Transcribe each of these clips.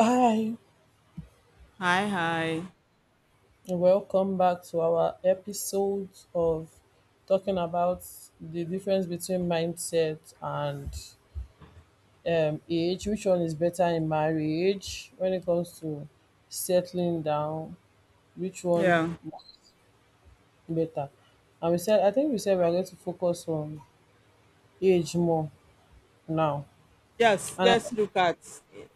Hi, Hi, hi. and welcome back to our episode of talking about the difference between mindset and age. Which one is better in marriage when it comes to settling down? Which Yeah. one better? And we said, I think we said we are going to focus on age more now. Yes, And I, let's look at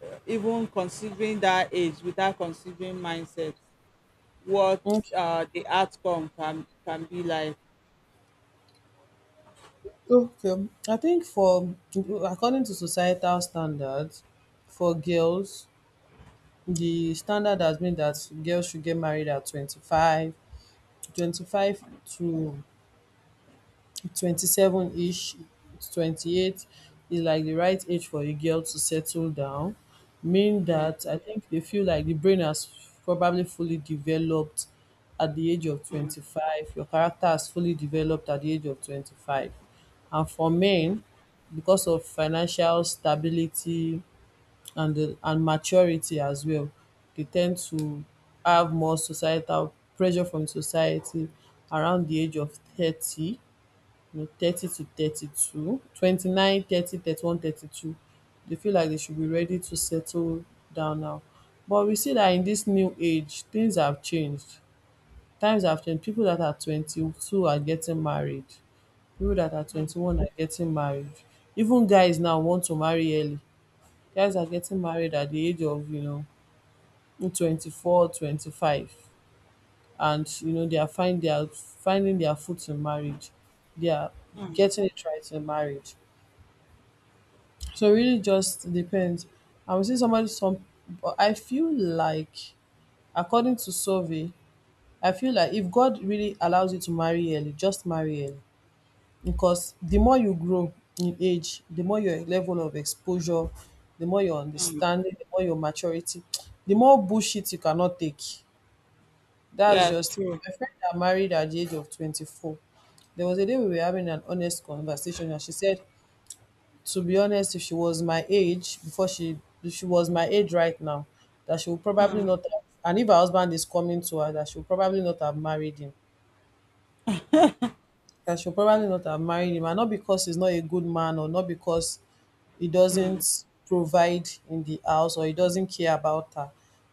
even considering that age without considering mindset, what, okay, the outcome can be like. okay. I think for according to societal standards, for girls the standard has been that girls should get married at 25, 25 to 27ish, 28 is like the right age for a girl to settle down, mean that I think they feel like the brain has probably fully developed at the age of 25, your character has fully developed at the age of 25. And for men, because of financial stability and the and maturity as well, they tend to have more societal pressure from society around the age of 30, 30 to 32, 29, 30, 31, 32. They feel like they should be ready to settle down now. But we see that in this new age, things have changed. Times have changed. People that are 22 are getting married. People that are Mm. 21 are getting married. Even guys now want to marry early. Guys are getting married at the age of, 24, 25, and they are find they are finding their foot in marriage. They are getting it right in marriage. So it really just depends. I would say somebody some But I feel like, according to survey, I feel like if God really allows you to marry early, just marry early. Because the more you grow in age, the more your level of exposure, the more your Mm. understanding, the more your maturity, the more bullshit you cannot take. That's Yeah, just true. my friend that married at the age of 24. There was a day we were having an honest conversation, and she said, "To be honest, if she was my age if she was my age right now, that she would probably Mm. not have, and if her husband is coming to her, that she would probably not have married him." that she'll probably not have married him, And not because he's not a good man, or not because he doesn't provide in the house, or he doesn't care about her.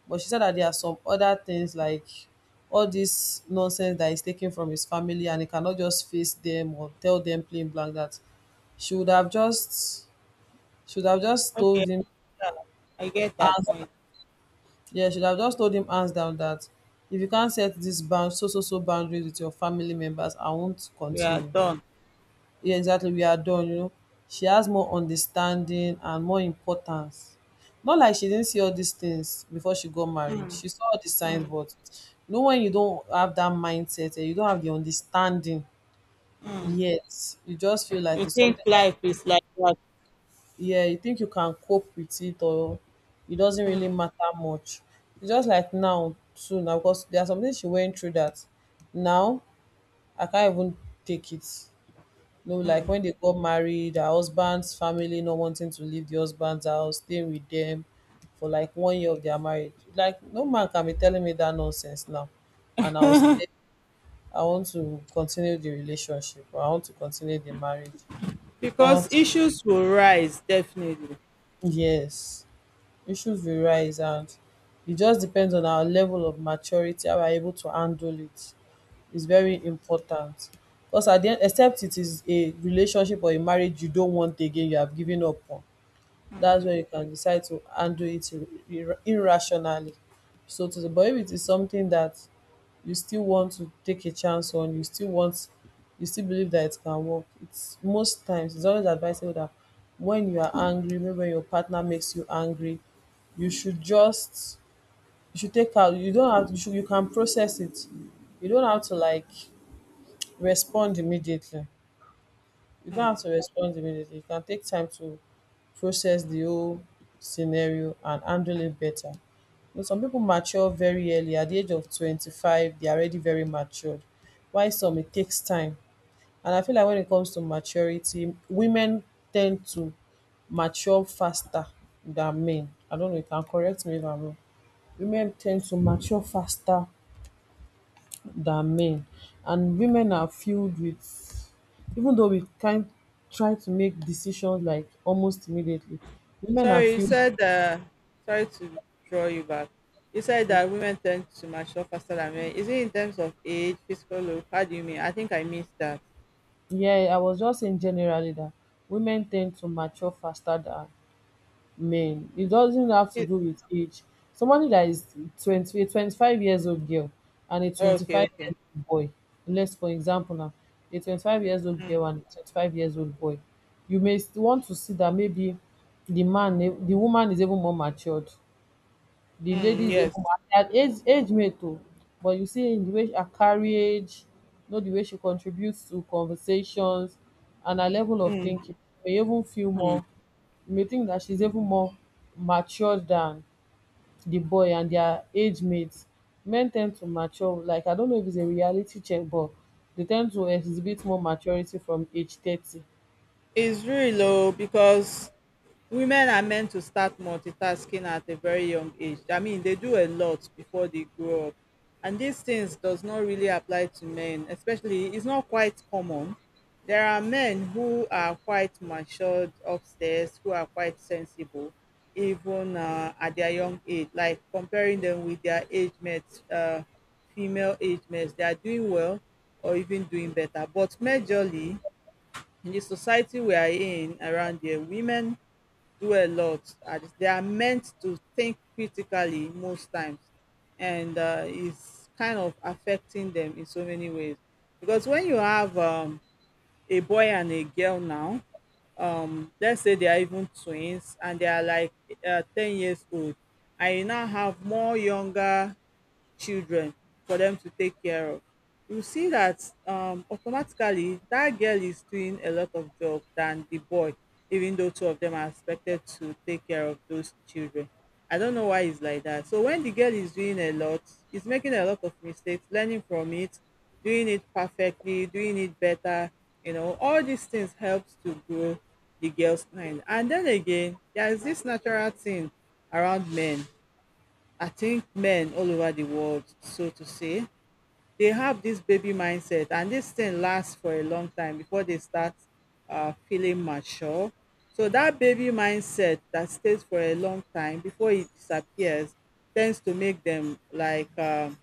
But she said that there are some other things, like all this nonsense that he's taking from his family and he cannot just face them or tell them plain blank that she would have just should have just told Okay, him yeah, I get that hands point. yeah, should have just told him hands down that if you can't set this boundaries with your family members, I won't We are continue. done. Yeah, exactly, we are done. She has more understanding and more importance. Not like she didn't see all these things before she got married. She saw all the signs, but you know, when you don't have that mindset and you don't have the understanding yet, you just feel like You it's think something that, life is like that? yeah, you think you can cope with it, or it doesn't really matter much. It's just like now too now, because there are some things she went through that now I can't even take it. No, like when they got married, her husband's family not wanting to leave the husband's house, staying with them for like one year of their marriage. Like, no man can be telling me that nonsense now. And I will say, I want to continue the relationship, or I want to continue the marriage. It's Because not, issues will rise, definitely. yes. Issues will rise, and it just depends on our level of maturity, how we're able to handle it. It's very important. Because at the end, except it is a relationship or a marriage you don't want again, you have given up on, that's when you can decide to handle it irrationally. So, to the but if it is something that you still want to take a chance on, you still want you still believe that it can work. It's most times, it's always advisable that when you are angry, maybe when your partner makes you angry, you should just you can process it. You don't have to, like, respond immediately, you don't have to respond immediately. You can take time to process the whole scenario and handle it better. You know, some people mature very early. At the age of 25, they are already very matured. Why some, it takes time. And I feel like when it comes to maturity, women tend to mature faster than men. I don't know, you can correct me if I'm wrong. Women tend to mature faster than men, and women are filled with even though we can try to make decisions like almost immediately, women are Sorry, you filled. said, sorry to draw you back. You said that women tend to mature faster than men. Is it in terms of age, physical look? How do you mean? I think I missed that. Yeah, I was just saying generally that women tend to mature faster than men. It doesn't have to It, do with age. Somebody that is 20, a 25 years old girl and a okay, 25 okay. years old boy, let's for example now, a 25 years old girl and a 25 years old boy, you may want to see that maybe the woman is even more matured. The lady Mm, is even yes. more at age, age mate too. But you see in the way her carriage, the way she contributes to conversations and her level of thinking, you may even feel more you may think that she's even more matured than the boy and their age mates. Men tend to mature, like I don't know if it's a reality check, but they tend to exhibit more maturity from age 30. It's really low because women are meant to start multitasking at a very young age. I mean, they do a lot before they grow up. And these things does not really apply to men, especially it's not quite common. There are men who are quite matured upstairs, who are quite sensible, even at their young age. Like comparing them with their age mates, female age mates, they are doing well or even doing better. But majorly in the society we are in around here, women do a lot. And they are meant to think critically most times, and it's kind of affecting them in so many ways. Because when you have a boy and a girl now, let's say they are even twins and they are like 10 years old, and you now have more younger children for them to take care of. You see that automatically that girl is doing a lot of job than the boy, even though two of them are expected to take care of those children. I don't know why it's like that. So when the girl is doing a lot, is making a lot of mistakes, learning from it, doing it perfectly, doing it better, you know, all these things helps to grow the girl's mind. And then again, there is this natural thing around men. I think men all over the world, so to say, they have this baby mindset, and this thing lasts for a long time before they start feeling mature. So that baby mindset that stays for a long time before it disappears tends to make them like,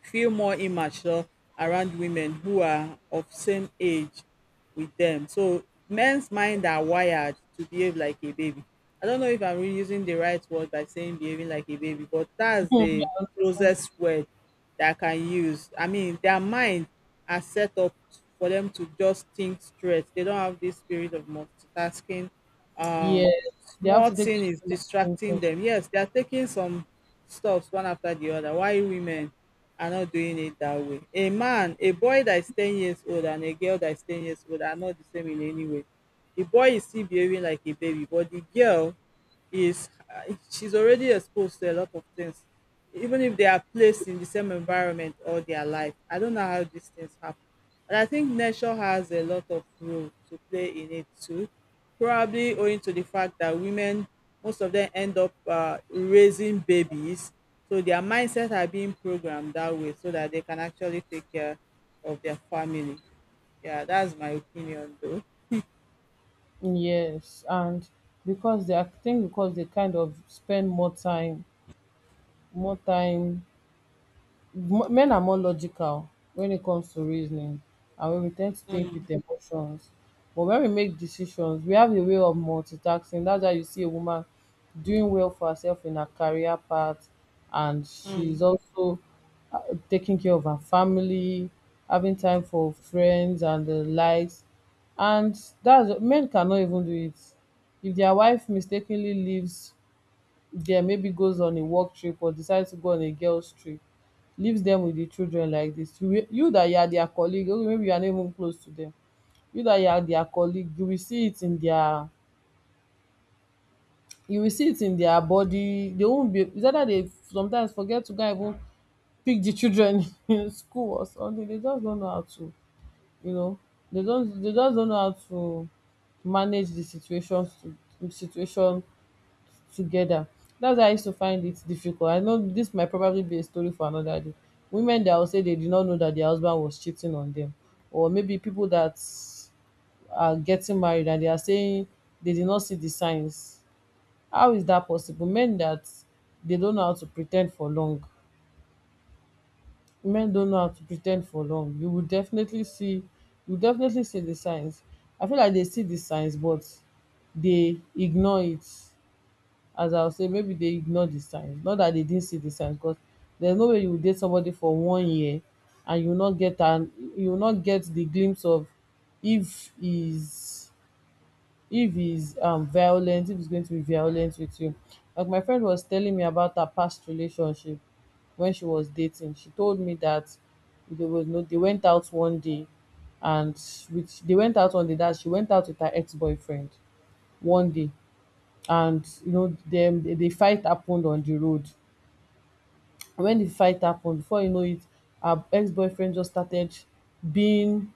feel more immature around women who are of same age with them. So men's mind are wired to behave like a baby. I don't know if I'm really using the right word by saying behaving like a baby, but that's the closest word that I can use. I mean, their mind are set up for them to just think straight. They don't have this spirit of multitasking. Um, Yes, they have Small to take thing is their time to mature. distracting them. Yes, they are taking some stuffs one after the other. Why women? Are not doing it that way. A man, a boy that is 10 years old and a girl that is 10 years old are not the same in any way. The boy is still behaving like a baby, but the girl is, she's already exposed to a lot of things, even if they are placed in the same environment all their life. I don't know how these things happen. But I think nature has a lot of role to play in it too, probably owing to the fact that women, most of them end up raising babies, so their mindset are being programmed that way so that they can actually take care of their family. Yeah, that's my opinion though. Yes, and because they are, I think, because they kind of spend more time, men are more logical when it comes to reasoning, and when we tend to think Mm, with emotions. But when we make decisions, we have a way of multitasking. That's why you see a woman doing well for herself in her career path, and she's mm, also uh, taking care of her family, having time for friends and the likes. And that's, men cannot even do it. If their wife mistakenly leaves, there maybe goes on a work trip, or decides to go on a girls trip, leaves them with the children like this, you that you are their colleague, okay, maybe you are not even close to them, you that you are their colleague, you will see it in their body. They won't be It's either they sometimes forget to go and even pick the children in school or something. They just don't know how to, you know they just don't know how to manage the situation together. That's why I used to find it difficult. I know this might probably be a story for another day. Women that will say they did not know that their husband was cheating on them, or maybe people that are getting married and they are saying they did not see the signs. How is that possible? Men, that they don't know how to pretend for long. Men don't know how to pretend for long. You definitely see the signs. I feel like they see the signs, but they ignore it, as I will say, maybe they ignore the signs. Not that they didn't see the signs, because there's no way you will date somebody for one year and you will not get the glimpse of if he's, violent, if he's going to be violent with you. Like my friend was telling me about her past relationship when she was dating. She told me that they was no they went out one day, and which they went out on the that she went out with her ex-boyfriend one day, and you know, dem, the fight happened on the road. When the fight happened, before you know it, her ex-boyfriend just started being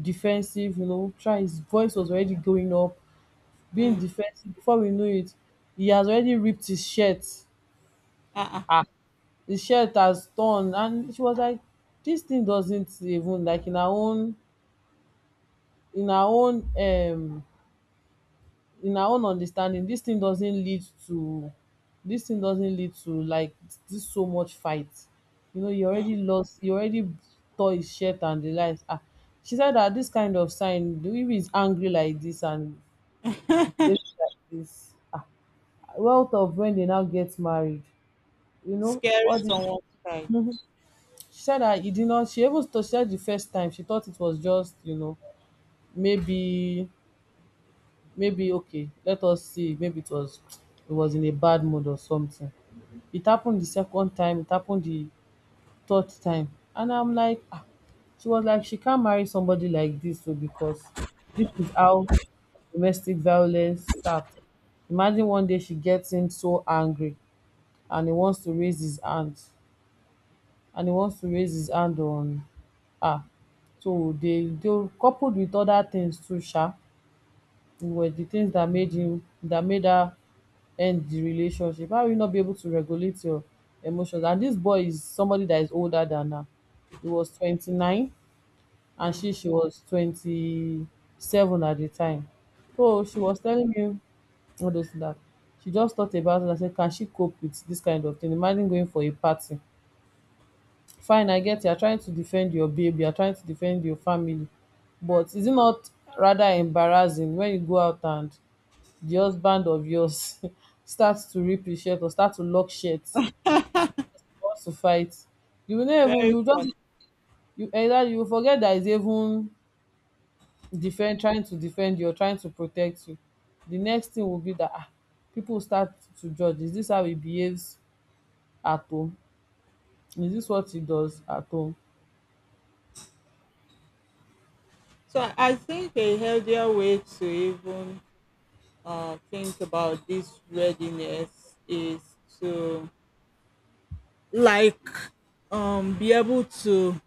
defensive, you know try his voice was already going up, being defensive. Before we know it, he has already ripped his shirt. uh-uh. Ah, his shirt has torn, and she was like, this thing doesn't even like, in her own um in our own understanding, this thing doesn't lead to like this so much fight. You know, you already lost, you already tore his shirt and the likes. Ah, she said that this kind of sign, the if he's angry like this and behaves like this, ah, well thought of when they now get married. You know, Scaring all this. someone's child. She said that he did not. She said the first time she thought it was just maybe maybe okay, let us see, maybe it was in a bad mood or something. It happened the second time, it happened the third time. And I'm like, ah. She was like, she can't marry somebody like this, so because this is how domestic violence starts. Imagine one day she gets him so angry and he wants to raise his hand. And he wants to raise his hand on her. So they coupled with other things too, sha, were the things that made him that made her end the relationship? How will you not be able to regulate your emotions? And this boy is somebody that is older than her. He was 29 and she was 27 at the time. So she was telling me all those that she just thought about it and said, can she cope with this kind of thing? Imagine going for a party. Fine, I get, you're trying to defend your baby, you're trying to defend your family. But is it not rather embarrassing when you go out and the husband of yours starts to rip his shirt or start to lock shirt, wants to fight, you will not even, Very you just, funny. you either, you forget that he's even defend, trying to defend you or trying to protect you, the next thing will be that, ah, people start to judge, is this how he behaves at home, is this what he does at home? So I think a healthier way to even, think about this readiness is to, like, be able to,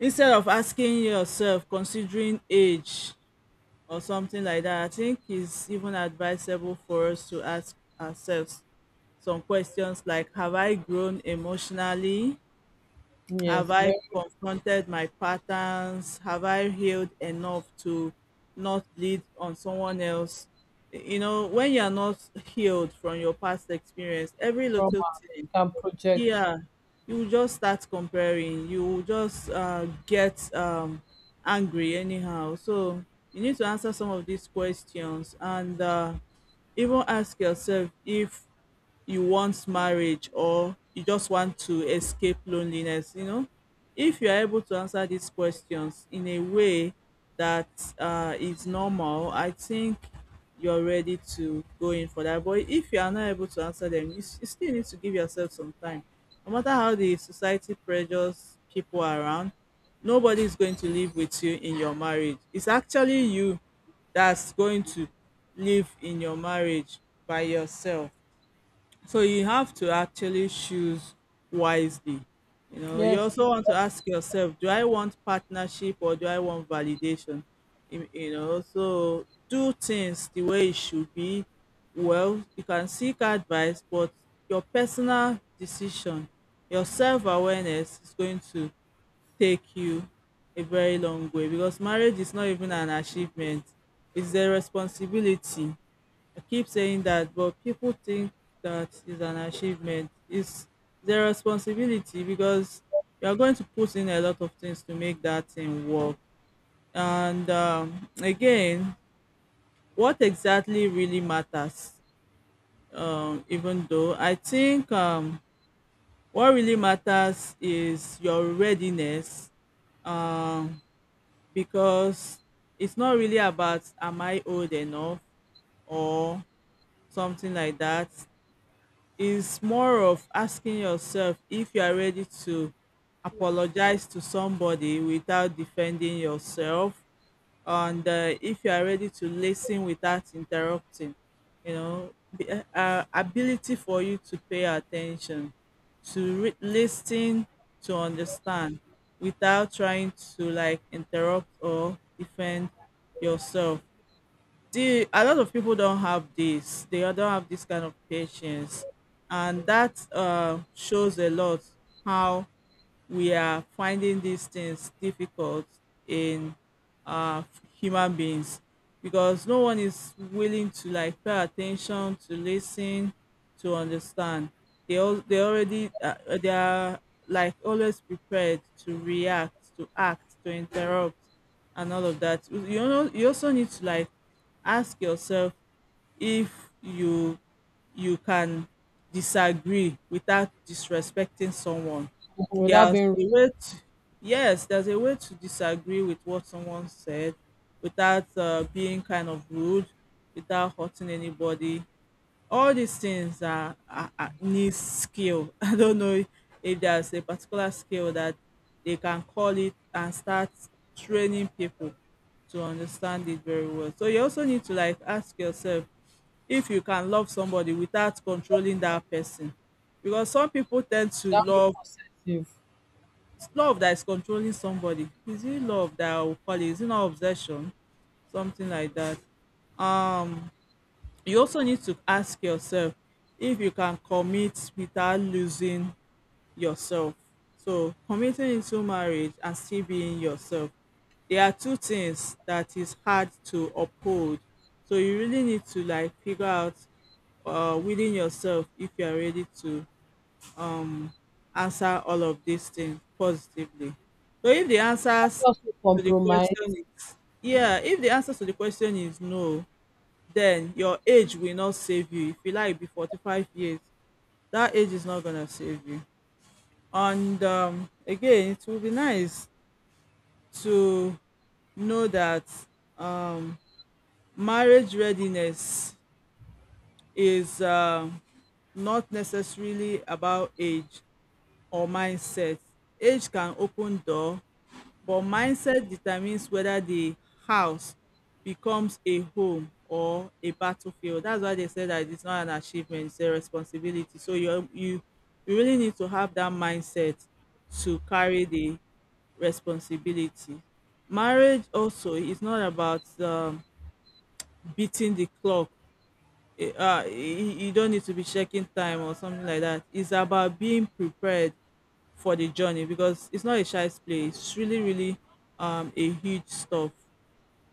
instead of asking yourself considering age or something like that, I think it's even advisable for us to ask ourselves some questions like, have I grown emotionally? Have Yes, I very. confronted my patterns? Have I healed enough to not bleed on someone else? You know, when you're not healed from your past experience, every little Trauma thing, can project. yeah, you will just start comparing. You will just, get, angry anyhow, so you need to answer some of these questions and, even ask yourself if you want marriage or you just want to escape loneliness, you know? If you are able to answer these questions in a way that is normal, I think you're ready to go in for that. But if you are not able to answer them, you still need to give yourself some time. No matter how the society pressures people around, nobody is going to live with you in your marriage. It's actually you that's going to live in your marriage by yourself. So you have to actually choose wisely. You know, you Yes. also want to ask yourself, do I want partnership or do I want validation? You know, so do things the way it should be. Well, you can seek advice, but your personal decision, your self awareness is going to take you a very long way because marriage is not even an achievement, it's a responsibility. I keep saying that, but people think that is an achievement. It's their responsibility because you are going to put in a lot of things to make that thing work. And again, what exactly really matters? Even though I think, what really matters is your readiness, um, because it's not really about am I old enough or something like that. Is more of asking yourself if you are ready to apologize to somebody without defending yourself and, if you are ready to listen without interrupting. You know, ability for you to pay attention to, listen to understand without trying to like interrupt or defend yourself. The a lot of people don't have this kind of patience, and that, shows a lot how we are finding these things difficult in, uh, human beings, because no one is willing to like pay attention to listen to understand. They all, they are like always prepared to react, to act, to interrupt, and all of that. You know, you also need to like ask yourself if you can disagree without disrespecting someone. Without There's being, a way to, yes, there's a way to disagree with what someone said without, being kind of rude, without hurting anybody. All these things are need skill. I don't know if there's a particular skill that they can call it and start training people to understand it very well. So you also need to like ask yourself if you can love somebody without controlling that person. Because some people tend to without being love, possessive. love that is controlling somebody. Is it love that I will call it? Is it not obsession? Something like that. Um, you also need to ask yourself if you can commit without losing yourself. So committing into marriage and still being yourself. There are two things that is hard to uphold. So you really need to like figure out, within yourself if you are ready to, um, answer all of these things positively. So if the answers Also to the compromise. question is, yeah, if the answer to the question is no, then your age will not save you. If you like be 45 years, that age is not gonna save you. And, again, it will be nice to know that, um, marriage readiness is, not necessarily about age or mindset. Age can open door, but mindset determines whether the house becomes a home or a battlefield. That's why they say that it's not an achievement, it's a responsibility. So you really need to have that mindset to carry the responsibility. Marriage also is not about, beating the clock. You you don't need to be checking time or something like that. It's about being prepared for the journey because it's not a child's play. It's really, really, a huge stuff,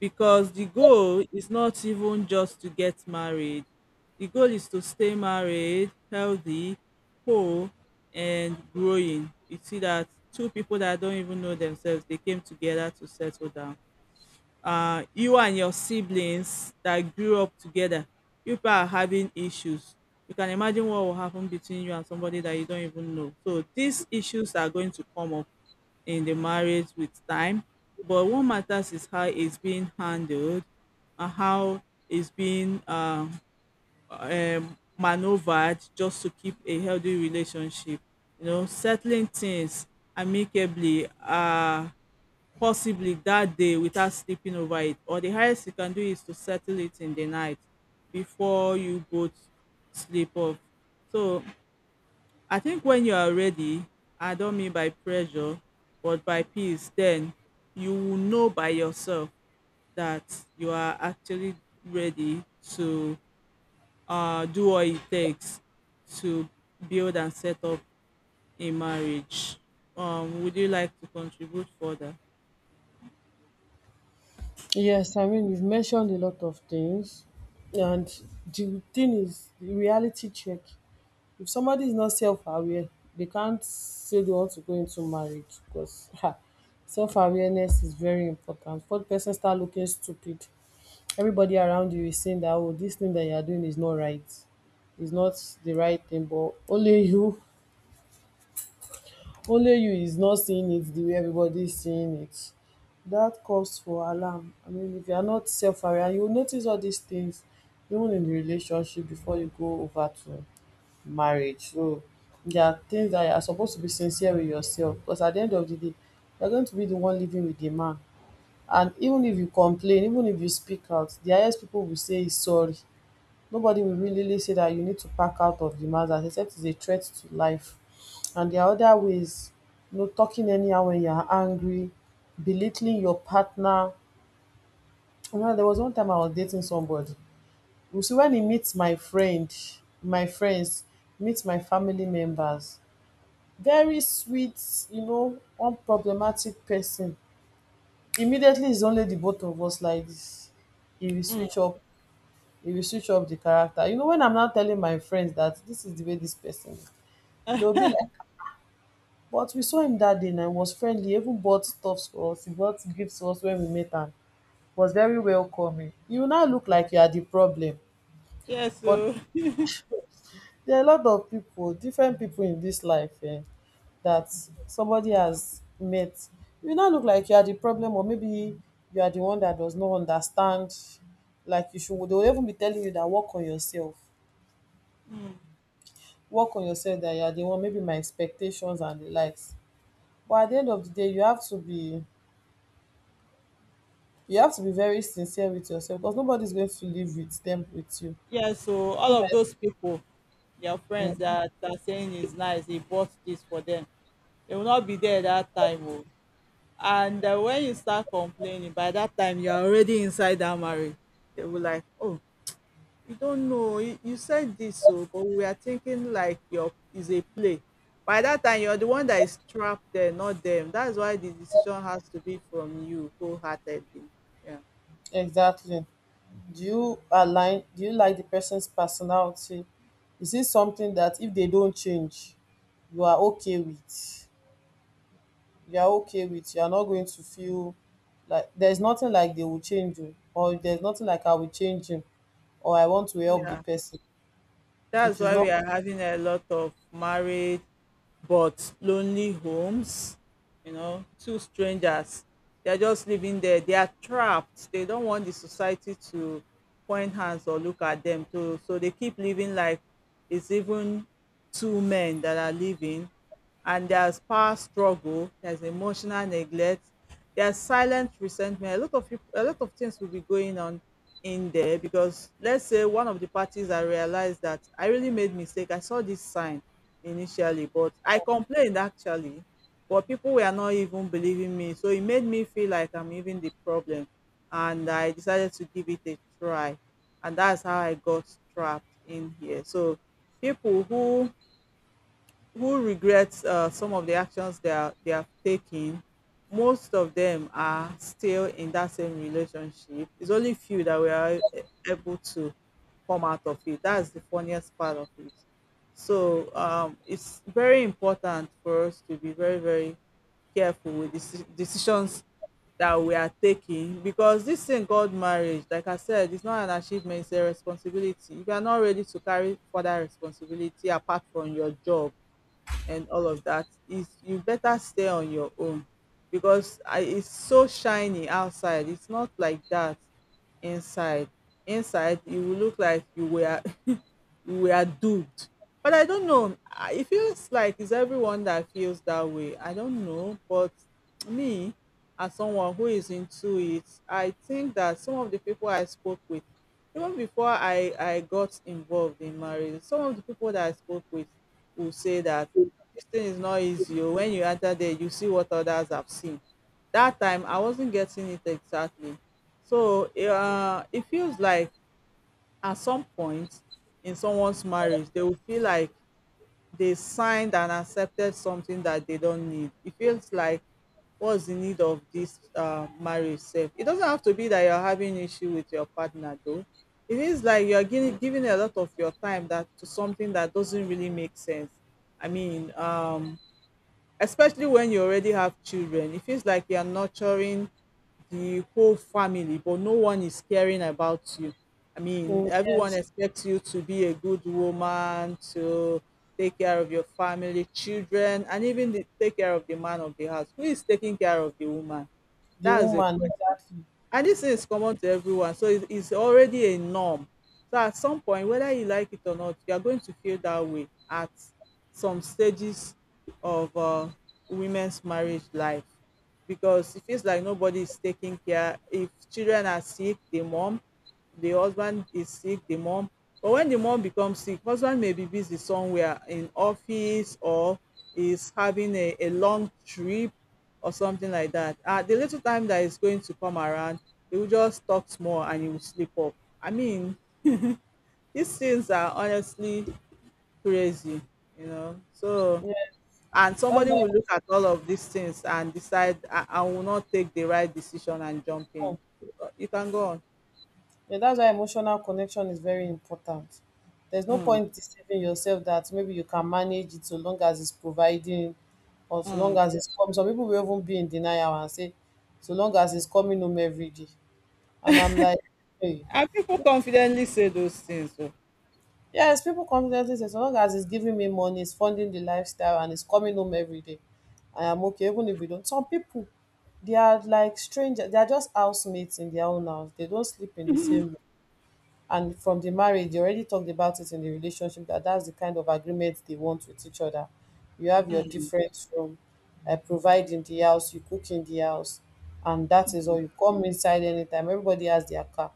because the goal is not even just to get married. The goal is to stay married, healthy, whole, and growing. You see that two people that don't even know themselves they came together to settle down. You and your siblings that grew up together, you people are having issues. You can imagine what will happen between you and somebody that you don't even know. So these issues are going to come up in the marriage with time. But what matters is how it's being handled and how it's being, maneuvered just to keep a healthy relationship. You know, settling things amicably, possibly that day without sleeping over it, or the highest you can do is to settle it in the night before you both sleep off. So I think when you are ready, I don't mean by pressure but by peace, then you will know by yourself that you are actually ready to do what it takes to build and set up a marriage. Would you like to contribute further? Yes, I mean, you've mentioned a lot of things. And the thing is, the reality check. If somebody is not self aware, they can't say they want to go into marriage because self awareness is very important. For the person start looking stupid, everybody around you is saying that, oh, this thing that you're doing is not right, is not the right thing, but only you, only you is not seeing it the way everybody is seeing it. That calls for alarm. I mean, if you are not self aware, you will notice all these things even in the relationship before you go over to marriage. So there are things that you are supposed to be sincere with yourself because at the end of the day, you are going to be the one living with the man. And even if you complain, even if you speak out, the highest people will say is sorry. Nobody will really really say that you need to pack out of the Mazda, except it's a threat to life. And there are other ways, you know, talking anyhow when you're angry, belittling your partner. You know, there was one time I was dating somebody. You see, when he meets my friend, my friends, meets my family members, very sweet, you know, unproblematic person. Immediately it's only the both of us like this. He will Mm. switch up. It will switch up the character. You know, when I'm now telling my friends that this is the way this person is, they'll be like, but we saw him that day and he was friendly, he even bought stuff for us, he bought gifts for us when we met and was very welcoming. You now look like you are the problem. Yes, But so there are a lot of people, different people in this life, eh, that somebody has met. You now look like you are the problem, or maybe you are the one that does not understand. Like you should, they will even be telling you that work on yourself, work on yourself that you are the one, maybe my expectations and the likes. But at the end of the day, you have to be very sincere with yourself because nobody's going to live with them with you. yeah, so all Not of those that— people, their friends Mm, that are saying it's nice, he bought this for them, they will not be there that time. Oh. And when you start complaining, by that time you're already inside that marriage. They will like, oh, you don't know, you said this, so but we are thinking like your is a play. By that time, you're the one that is trapped there, not them. That's why the decision has to be from you wholeheartedly. Yeah. exactly. Do you align, do you like the person's personality? Is it something that if they don't change, you are okay with? You are okay with, you are not going to feel like there's nothing like they will change you, or there's nothing like I will change him, or I want to help the Yeah, person, that's which is why not. we are having a lot of marriage but lonely homes, you know, two strangers. They're just living there. They are trapped. They don't want the society to point hands or look at them too, so they keep living like it's even two men that are living, and there's power struggle, there's emotional neglect, there's silent resentment. A lot of people, a lot of things will be going on in there because let's say one of the parties, I realized that I really made mistake. I saw this sign initially, but I complained actually, but people were not even believing me. So it made me feel like I'm even the problem, and I decided to give it a try. And that's how I got trapped in here. So people who regrets some of the actions they are they have taken, most of them are still in that same relationship. It's only few that we are able to come out of it. That's the funniest part of it. So it's very important for us to be very, very careful with the decisions that we are taking, because this thing called marriage, like I said, it's not an achievement, it's a responsibility. If you are not ready to carry further responsibility apart from your job and all of that, is you better stay on your own, because it's so shiny outside, it's not like that inside. Inside it will look like you were we are duped. But I don't know. It feels like it's everyone that feels that way. I don't know. But me, as someone who is into it, I think that some of the people I spoke with, even before I got involved in marriage, some of the people that I spoke with will say that this thing is not easy. Oh. When you enter there, you see what others have seen. That time, I wasn't getting it exactly. So eh, it feels like at some point in someone's marriage, they will feel like they signed and accepted something that they don't need. It feels like what's the need of this marriage self? It doesn't have to be that you're having issue with your partner though. It is like you're giving a lot of your time that to something that doesn't really make sense. I mean, especially when you already have children, it feels like you're nurturing the whole family, but no one is caring about you. I mean, Mm, everyone yes, expects you to be a good woman, to take care of your family, children, and even take care of the man of the house. Who is taking care of the woman? the That is a woman, question. exactly. And this is common to everyone. So it's already a norm. So at some point, whether you like it or not, you are going to feel that way at some stages of women's marriage life, because it feels like nobody is taking care. If children are sick, the mom, the husband is sick, the mom. But when the mom becomes sick, husband may be busy somewhere in office or is having a long trip or something like that. At the little time that is going to come around, he will just talk small and he will sleep off. I mean, these things are honestly crazy, you know. So Yeah, and that's somebody why, will look at all of these things and decide I will not take the right decision and jump mm, in. You can go on. yeah, that's why emotional connection is very important. There's no Mm. point deceiving yourself that maybe you can manage it so long as it's providing or so long Mm. as it's coming. Some people will even be in denial and say, so long as it's coming home every day. And I'm like, hey. And people confidently say those things so Yes, people confidently say, so long as it's giving me money, it's funding the lifestyle, and it's coming home every day, I am okay, even if you don't. Some people, they are like strangers. They are just housemates in their own house. They don't sleep in the same room. And from the marriage, they already talked about it in the relationship that that's the kind of agreement they want with each other. You have your different room, I provide in the house, you cook in the house, and that is all. You come inside anytime. Everybody has their car,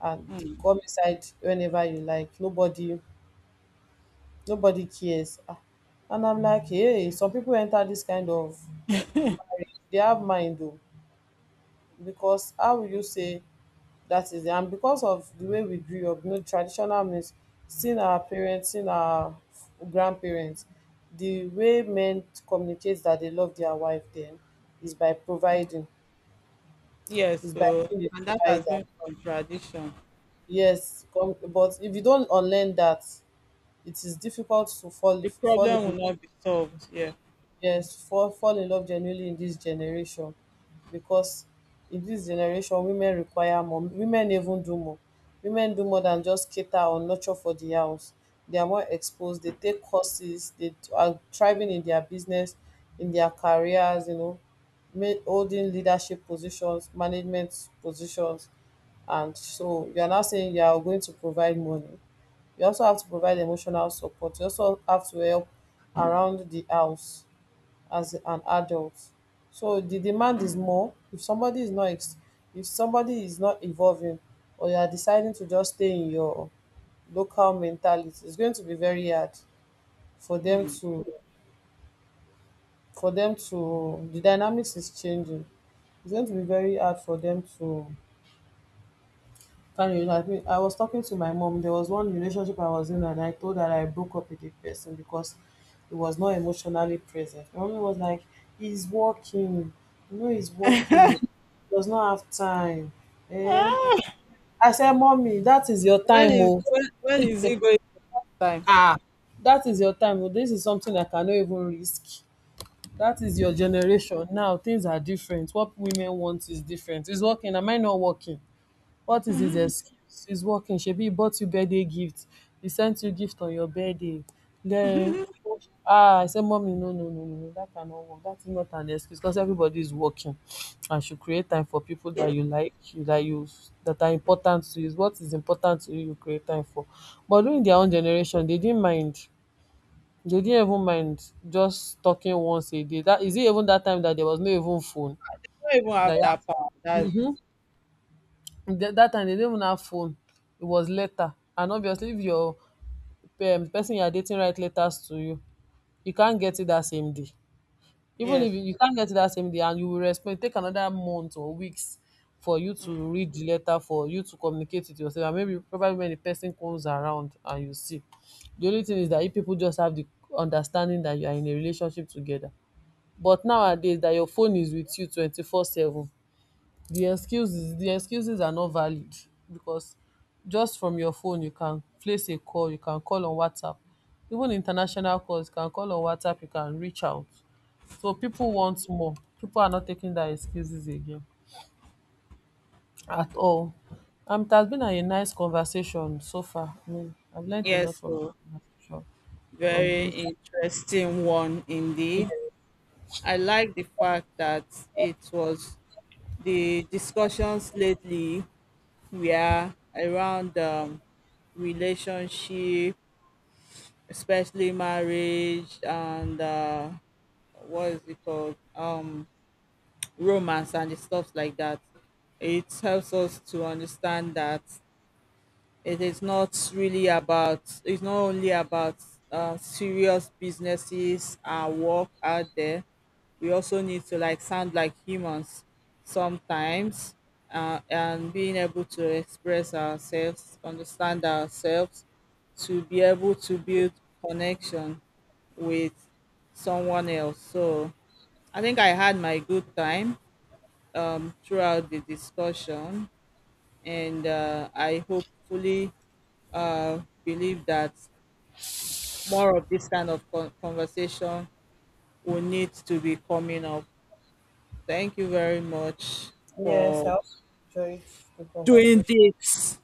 and come inside whenever you like. Nobody, nobody cares. Ah, and I'm like, hey, some people enter this kind of marriage, they have mind though. Because how will you say that is, and because of the way we grew up, you know, traditional means seeing our parents, seeing our grandparents, the way men communicate that they love their wife then is by providing, yes, is by so being the and that has provider. been from tradition Yes, com—, but if you don't unlearn that, it is difficult to fall the fall problem in, will not be solved. Yeah. yes, fall in love genuinely in dis generation, because in dis generation women require more, women even do more, women do more than just cater or nurture for di house, they are more exposed, they take courses, they are thriving in their business, in their careers, you know, ma-, holding leadership positions, management positions. And so you are now saying you are going to provide money, you also have to provide emotional support, you also have to help around the house as an adult. So the demand is more. If somebody is not evolving, or you are deciding to just stay in your local mentality, it's going to be very hard for them Mm. to, for them to, the dynamics is changing. It's going to be very hard for them to— Funny, like me, I was talking to my mom. There was one relationship I was in, and I told her I broke up with the person because he was not emotionally present. My mom was like, "He's working, you know, he's working. He does not have time." Eh? Ah, I said, "Mommy, that is your time, oh. When is it going time. Ah, that is your time. Oh. This is something I cannot even risk. That is your Mm. You generation now. Things are different. What women want is different. Is working. Am I not working?" What is his excuse? He's working. Shebi he bought you birthday gift. He sent you gift on your birthday. Then, ah, I said, Mommy, no, no, no, no, no, that cannot work. That is not an excuse because everybody is working and should create time for people that you like, you that you, that are important to you. It's, what is important to you, you create time for. But during their own generation, they didn't mind. They didn't even mind just talking once a day. That is it, even that time that there was no even phone. don't even That, have that power, that's it. that time they didn't even have phone. It was letter. And obviously, if your person you are dating write letters to you, you can't get it that same day. Even Yes. if you, you can't get it that same day and you will respond, take another month or weeks for you to read the letter, for you to communicate with yourself. And maybe probably when the person comes around and you see. The only thing is that if people just have the understanding that you are in a relationship together. But nowadays that your phone is with you 24/7, the excuses are not valid because just from your phone you can place a call, you can call on WhatsApp, even international calls you can call on WhatsApp, you can reach out. So people want more, people are not taking that excuses again at all. Um, it has been a nice conversation so far. I mean, I've learned a Yes, lot from, so from from very this. interesting one indeed. I like the fact that it was the discussions lately were around relationship, especially marriage and what is it called? Romance and the stuff like that. It helps us to understand that it is not really it's not only about serious businesses and work out there. We also need to like sound like humans sometimes, and being able to express ourselves, understand ourselves, to be able to build connection with someone else. So I think I had my good time throughout the discussion, and I hopefully uh, believe that more of this kind of conversation will need to be coming up. Thank you very much Yes, I for also enjoyed the doing conversation. this.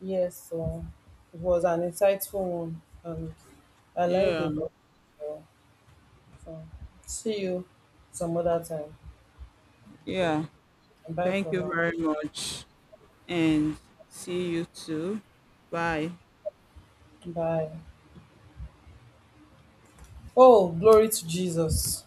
Yes, so it was an insightful one. I learned a Yeah, lot. So, so see you some other time. yeah. Bye Thank for you now. very much. And see you too. Bye. Bye. Oh, glory to Jesus.